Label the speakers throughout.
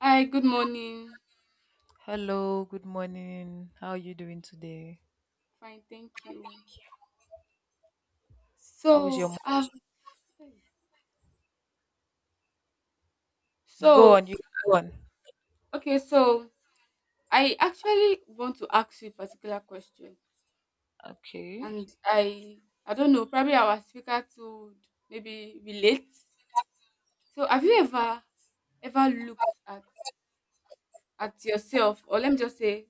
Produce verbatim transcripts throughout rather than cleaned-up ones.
Speaker 1: Hi, good morning.
Speaker 2: Hello, good morning. How are you doing today?
Speaker 1: Fine, thank you.
Speaker 2: How is your
Speaker 1: So, um,
Speaker 2: morning? Go
Speaker 1: so
Speaker 2: on, you go on.
Speaker 1: okay, so I actually want to ask you a particular question,
Speaker 2: Okay.
Speaker 1: and I, I don't know, probably our speaker to maybe relate. So, have you ever, ever looked at at yourself, or let me just say,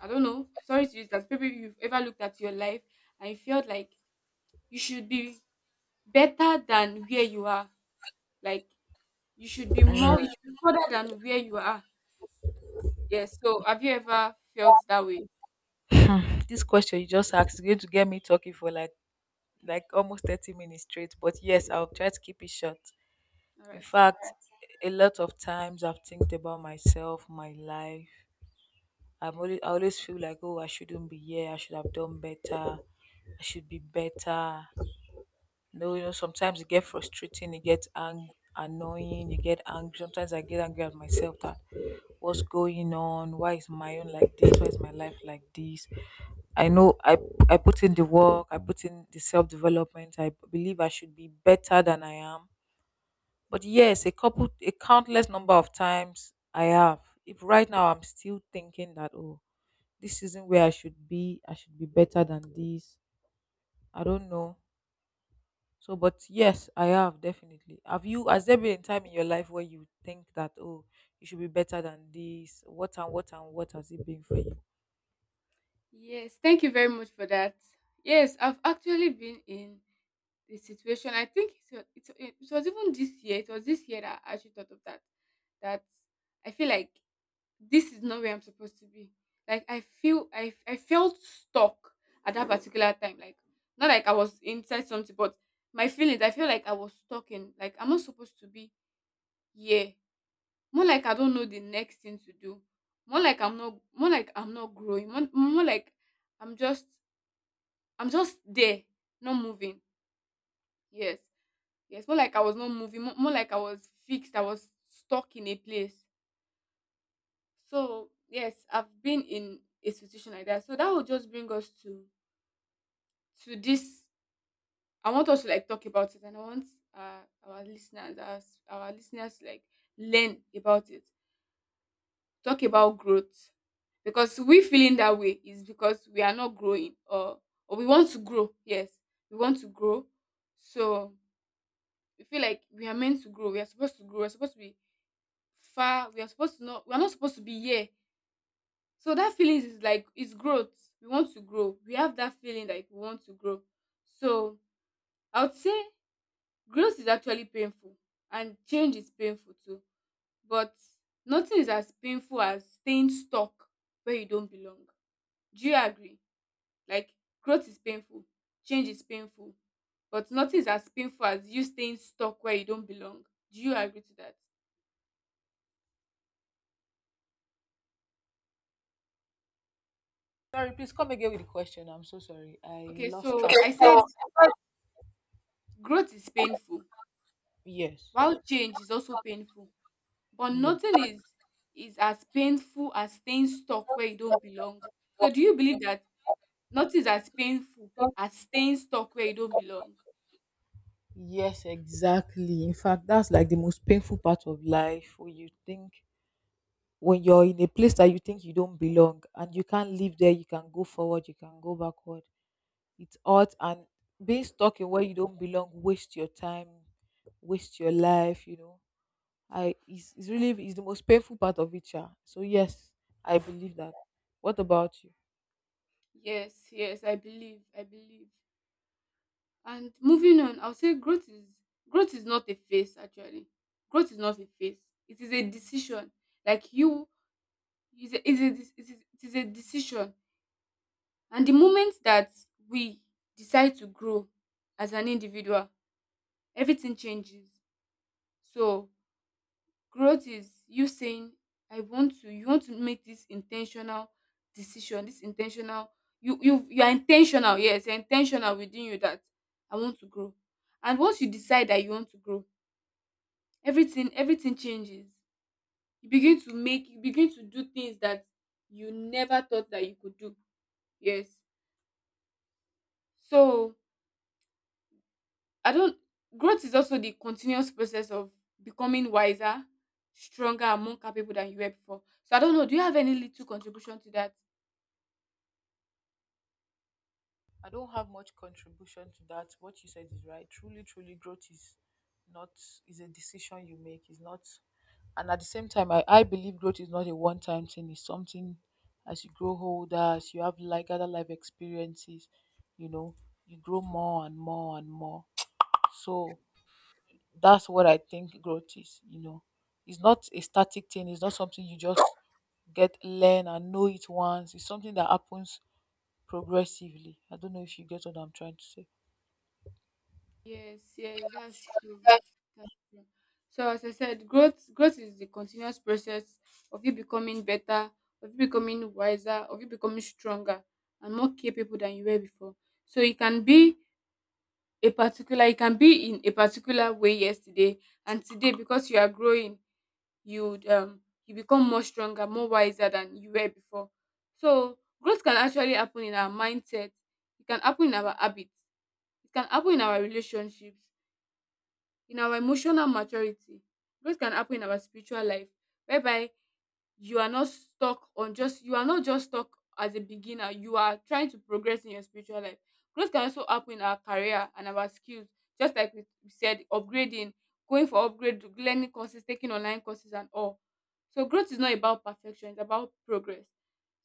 Speaker 1: I don't know. Sorry to use that. Maybe you've ever looked at your life and you felt like you should be better than where you are. Like you should be more, you should be further than where you are. Yes. So have you ever felt that way?
Speaker 2: This question you just asked is going to get me talking for like like almost thirty minutes straight, but yes, I'll try to keep it short.
Speaker 1: All
Speaker 2: In
Speaker 1: right. Thank
Speaker 2: fact,
Speaker 1: you.
Speaker 2: a lot of times I've think about myself, my life. I'm always I always feel like oh I shouldn't be here, I should have done better, I should be better. No, you know, sometimes it get frustrating, it gets ang- annoying, you get angry. Sometimes I get angry at myself that what's going on? Why is my own like this? Why is my life like this? I know I I put in the work, I put in the self development. I believe I should be better than I am. But yes, a couple, a countless number of times I have. If right now I'm still thinking that oh, this isn't where I should be. I should be better than this. I don't know. So, but yes, I have definitely. Have you? Has there been a time in your life where you think that oh, you should be better than this? What and what and what has it been for you?
Speaker 1: Yes. Thank you very much for that. Yes, I've actually been in this situation. I think it was, it, it was even this year. It was this year that I actually thought of that. That I feel like this is not where I'm supposed to be. Like I feel I I felt stuck at that particular time. Like not like I was inside something, but my feelings. I feel like I was stuck in. Like I'm not supposed to be here. More like I don't know the next thing to do. More like I'm not more like I'm not growing. More, more like I'm just I'm just there, not moving. Yes. Yes. More like I was not moving. More, more like I was fixed. I was stuck in a place. So yes, I've been in a situation like that. So that will just bring us to to this. I want us to like talk about it and I want uh, our listeners, our, our listeners to like learn about it. Talk about growth because we feeling that way is because we are not growing or or we want to grow, yes, we want to grow. So we feel like we are meant to grow, we are supposed to grow, we're supposed to be far, we are supposed to not, we're not supposed to be here. So that feeling is like it's growth, we want to grow, we have that feeling like we want to grow. So I would say growth is actually painful and change is painful too, but nothing is as painful as staying stuck where you don't belong. Do you agree? Like growth is painful, change is painful, but nothing is as painful as you staying stuck where you don't belong. Do you agree to that?
Speaker 2: Sorry, please come again with the question. I'm so sorry. I
Speaker 1: Okay,
Speaker 2: lost, okay,
Speaker 1: so
Speaker 2: track,
Speaker 1: I
Speaker 2: okay, of.
Speaker 1: said
Speaker 2: So
Speaker 1: growth is painful,
Speaker 2: Yes,
Speaker 1: while change is also painful, but
Speaker 2: yes,
Speaker 1: nothing is is as painful as staying stuck where you don't belong. So do you believe that nothing is as painful as staying stuck where you don't belong?
Speaker 2: yes, exactly. In fact, that's like the most painful part of life when you think when you're in a place that you think you don't belong and you can't live there, you can go forward, you can go backward. It's hot and being stuck in where you don't belong waste your time, waste your life, you know. I it's, it's really it's the most painful part of it, yeah. So yes, I believe that. What about you?
Speaker 1: Yes, yes, I believe, I believe. And moving on, I'll say growth is growth is not a phase actually. Growth is not a phase. It is a decision. Like you, is a, is a, it is it is a decision. And the moment that we decide to grow as an individual, everything changes. So growth is you saying, "I want to." You want to make this intentional decision. This intentional. You you you are intentional. Yes, you're intentional within you that I want to grow. And once you decide that you want to grow, everything everything changes. You begin to make you begin to do things that you never thought that you could do. Yes. So I don't growth is also the continuous process of becoming wiser, stronger and more capable than you were before. So I don't know, do you have any little contribution to that?
Speaker 2: I don't have much contribution to that. What you said is right. Truly, truly, growth is not, is a decision you make. It's not, and at the same time, i, I believe growth is not a one-time thing, it's something, as you grow older, as you have like other life experiences, you know, you grow more and more and more. So that's what I think growth is, you know. It's not a static thing, it's not something you just get, learn and know it once. It's something that happens progressively. I don't know if you get what I'm trying to say.
Speaker 1: Yes, yes, that's true. That's true. So as I said, growth growth is the continuous process of you becoming better, of you becoming wiser, of you becoming stronger and more capable than you were before. So it can be a particular it can be in a particular way yesterday and today, because you are growing, you um you become more stronger, more wiser than you were before. So growth can actually happen in our mindset, it can happen in our habits, it can happen in our relationships, in our emotional maturity. Growth can happen in our spiritual life, whereby you are not stuck on just you are not just stuck as a beginner, you are trying to progress in your spiritual life. Growth can also happen in our career and our skills, just like we we said, upgrading, going for upgrade, learning courses, taking online courses and all. So growth is not about perfection, it's about progress.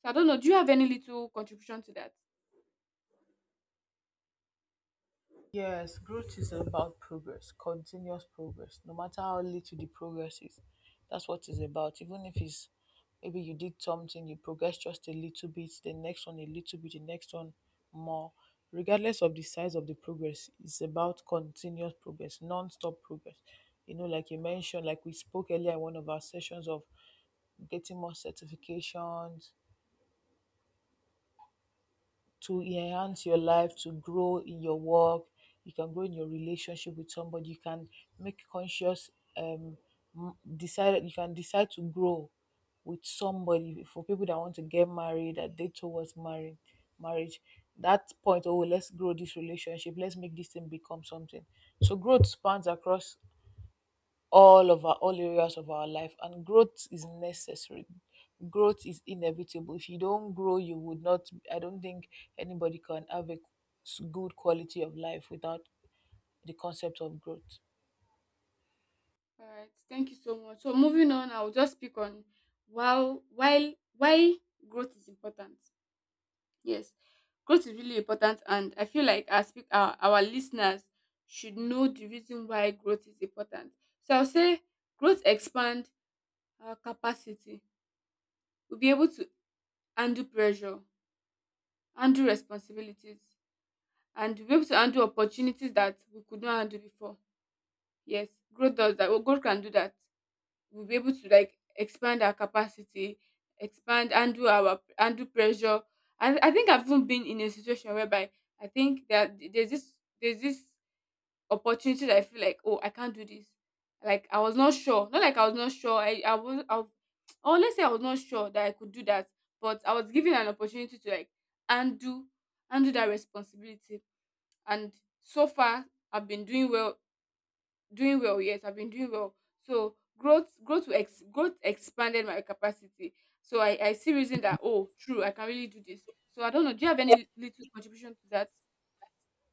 Speaker 1: So I don't know, do you have any little contribution to that?
Speaker 2: Yes, growth is about progress, continuous progress. No matter how little the progress is, that's what it's about. Even if it's maybe you did something, you progressed just a little bit, the next one a little bit, the next one more. Regardless of the size of the progress, it's about continuous progress, non-stop progress. You know, like you mentioned, like we spoke earlier in one of our sessions of getting more certifications, to enhance your life, to grow in your work, you can grow in your relationship with somebody, you can make conscious um m- decide, you can decide to grow with somebody. For people that want to get married, that they towards marriage marriage, that point, oh let's grow this relationship, let's make this thing become something. So growth spans across all of our all areas of our life, and growth is necessary, growth is inevitable. If you don't grow, you would not, I don't think anybody can have a s- good quality of life without the concept of growth.
Speaker 1: All right. Thank you so much. So moving on, I'll just speak on wow while why growth is important. Yes, growth is really important, and I feel like I speak our, our listeners should know the reason why growth is important. So I'll say growth expand our capacity. We'll be able to handle pressure, handle responsibilities, and we'll be able to handle opportunities that we could not handle before. Yes, growth does that. Well, growth can do that. We'll be able to like expand our capacity, expand and do our handle pressure. I I think I've even been in a situation whereby I think that there's this there's this opportunity that I feel like, oh, I can't do this. Like I was not sure, not like I was not sure. I I was I or let's say I was not sure that I could do that, but I was given an opportunity to like undo undo that responsibility. And so far, I've been doing well. Doing well, yes, I've been doing well. So growth, growth, to ex, growth expanded my capacity. So I, I see reason that, oh, true, I can really do this. So I don't know. Do you have any little contribution to that?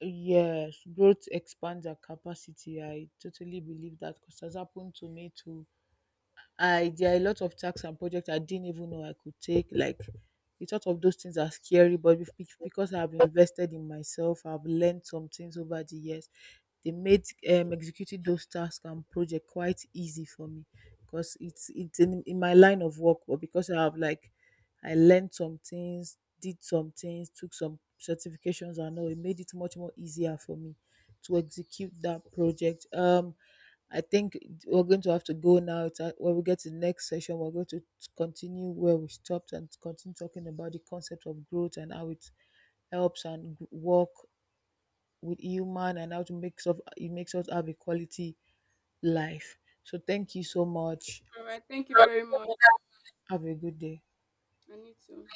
Speaker 2: Yes, growth expands our capacity. I totally believe that, because it has happened to me too. I, there are a lot of tasks and projects I didn't even know I could take. Like, the thought of those things are scary, but bef- bec- because I've invested in myself, I've learned some things over the years. They made um, executing those tasks and project quite easy for me, because it's it's in, in my line of work. But because I have like I learned some things, did some things, took some certifications, and all, it made it much more easier for me to execute that project. Um, I think we're going to have to go now. It's, uh, when we get to the next session, we're going to continue where we stopped and continue talking about the concept of growth and how it helps and g- work with human and how to make of it makes us have a quality life. So thank you so much.
Speaker 1: All right, thank you very much.
Speaker 2: Have a good day.
Speaker 1: I need to.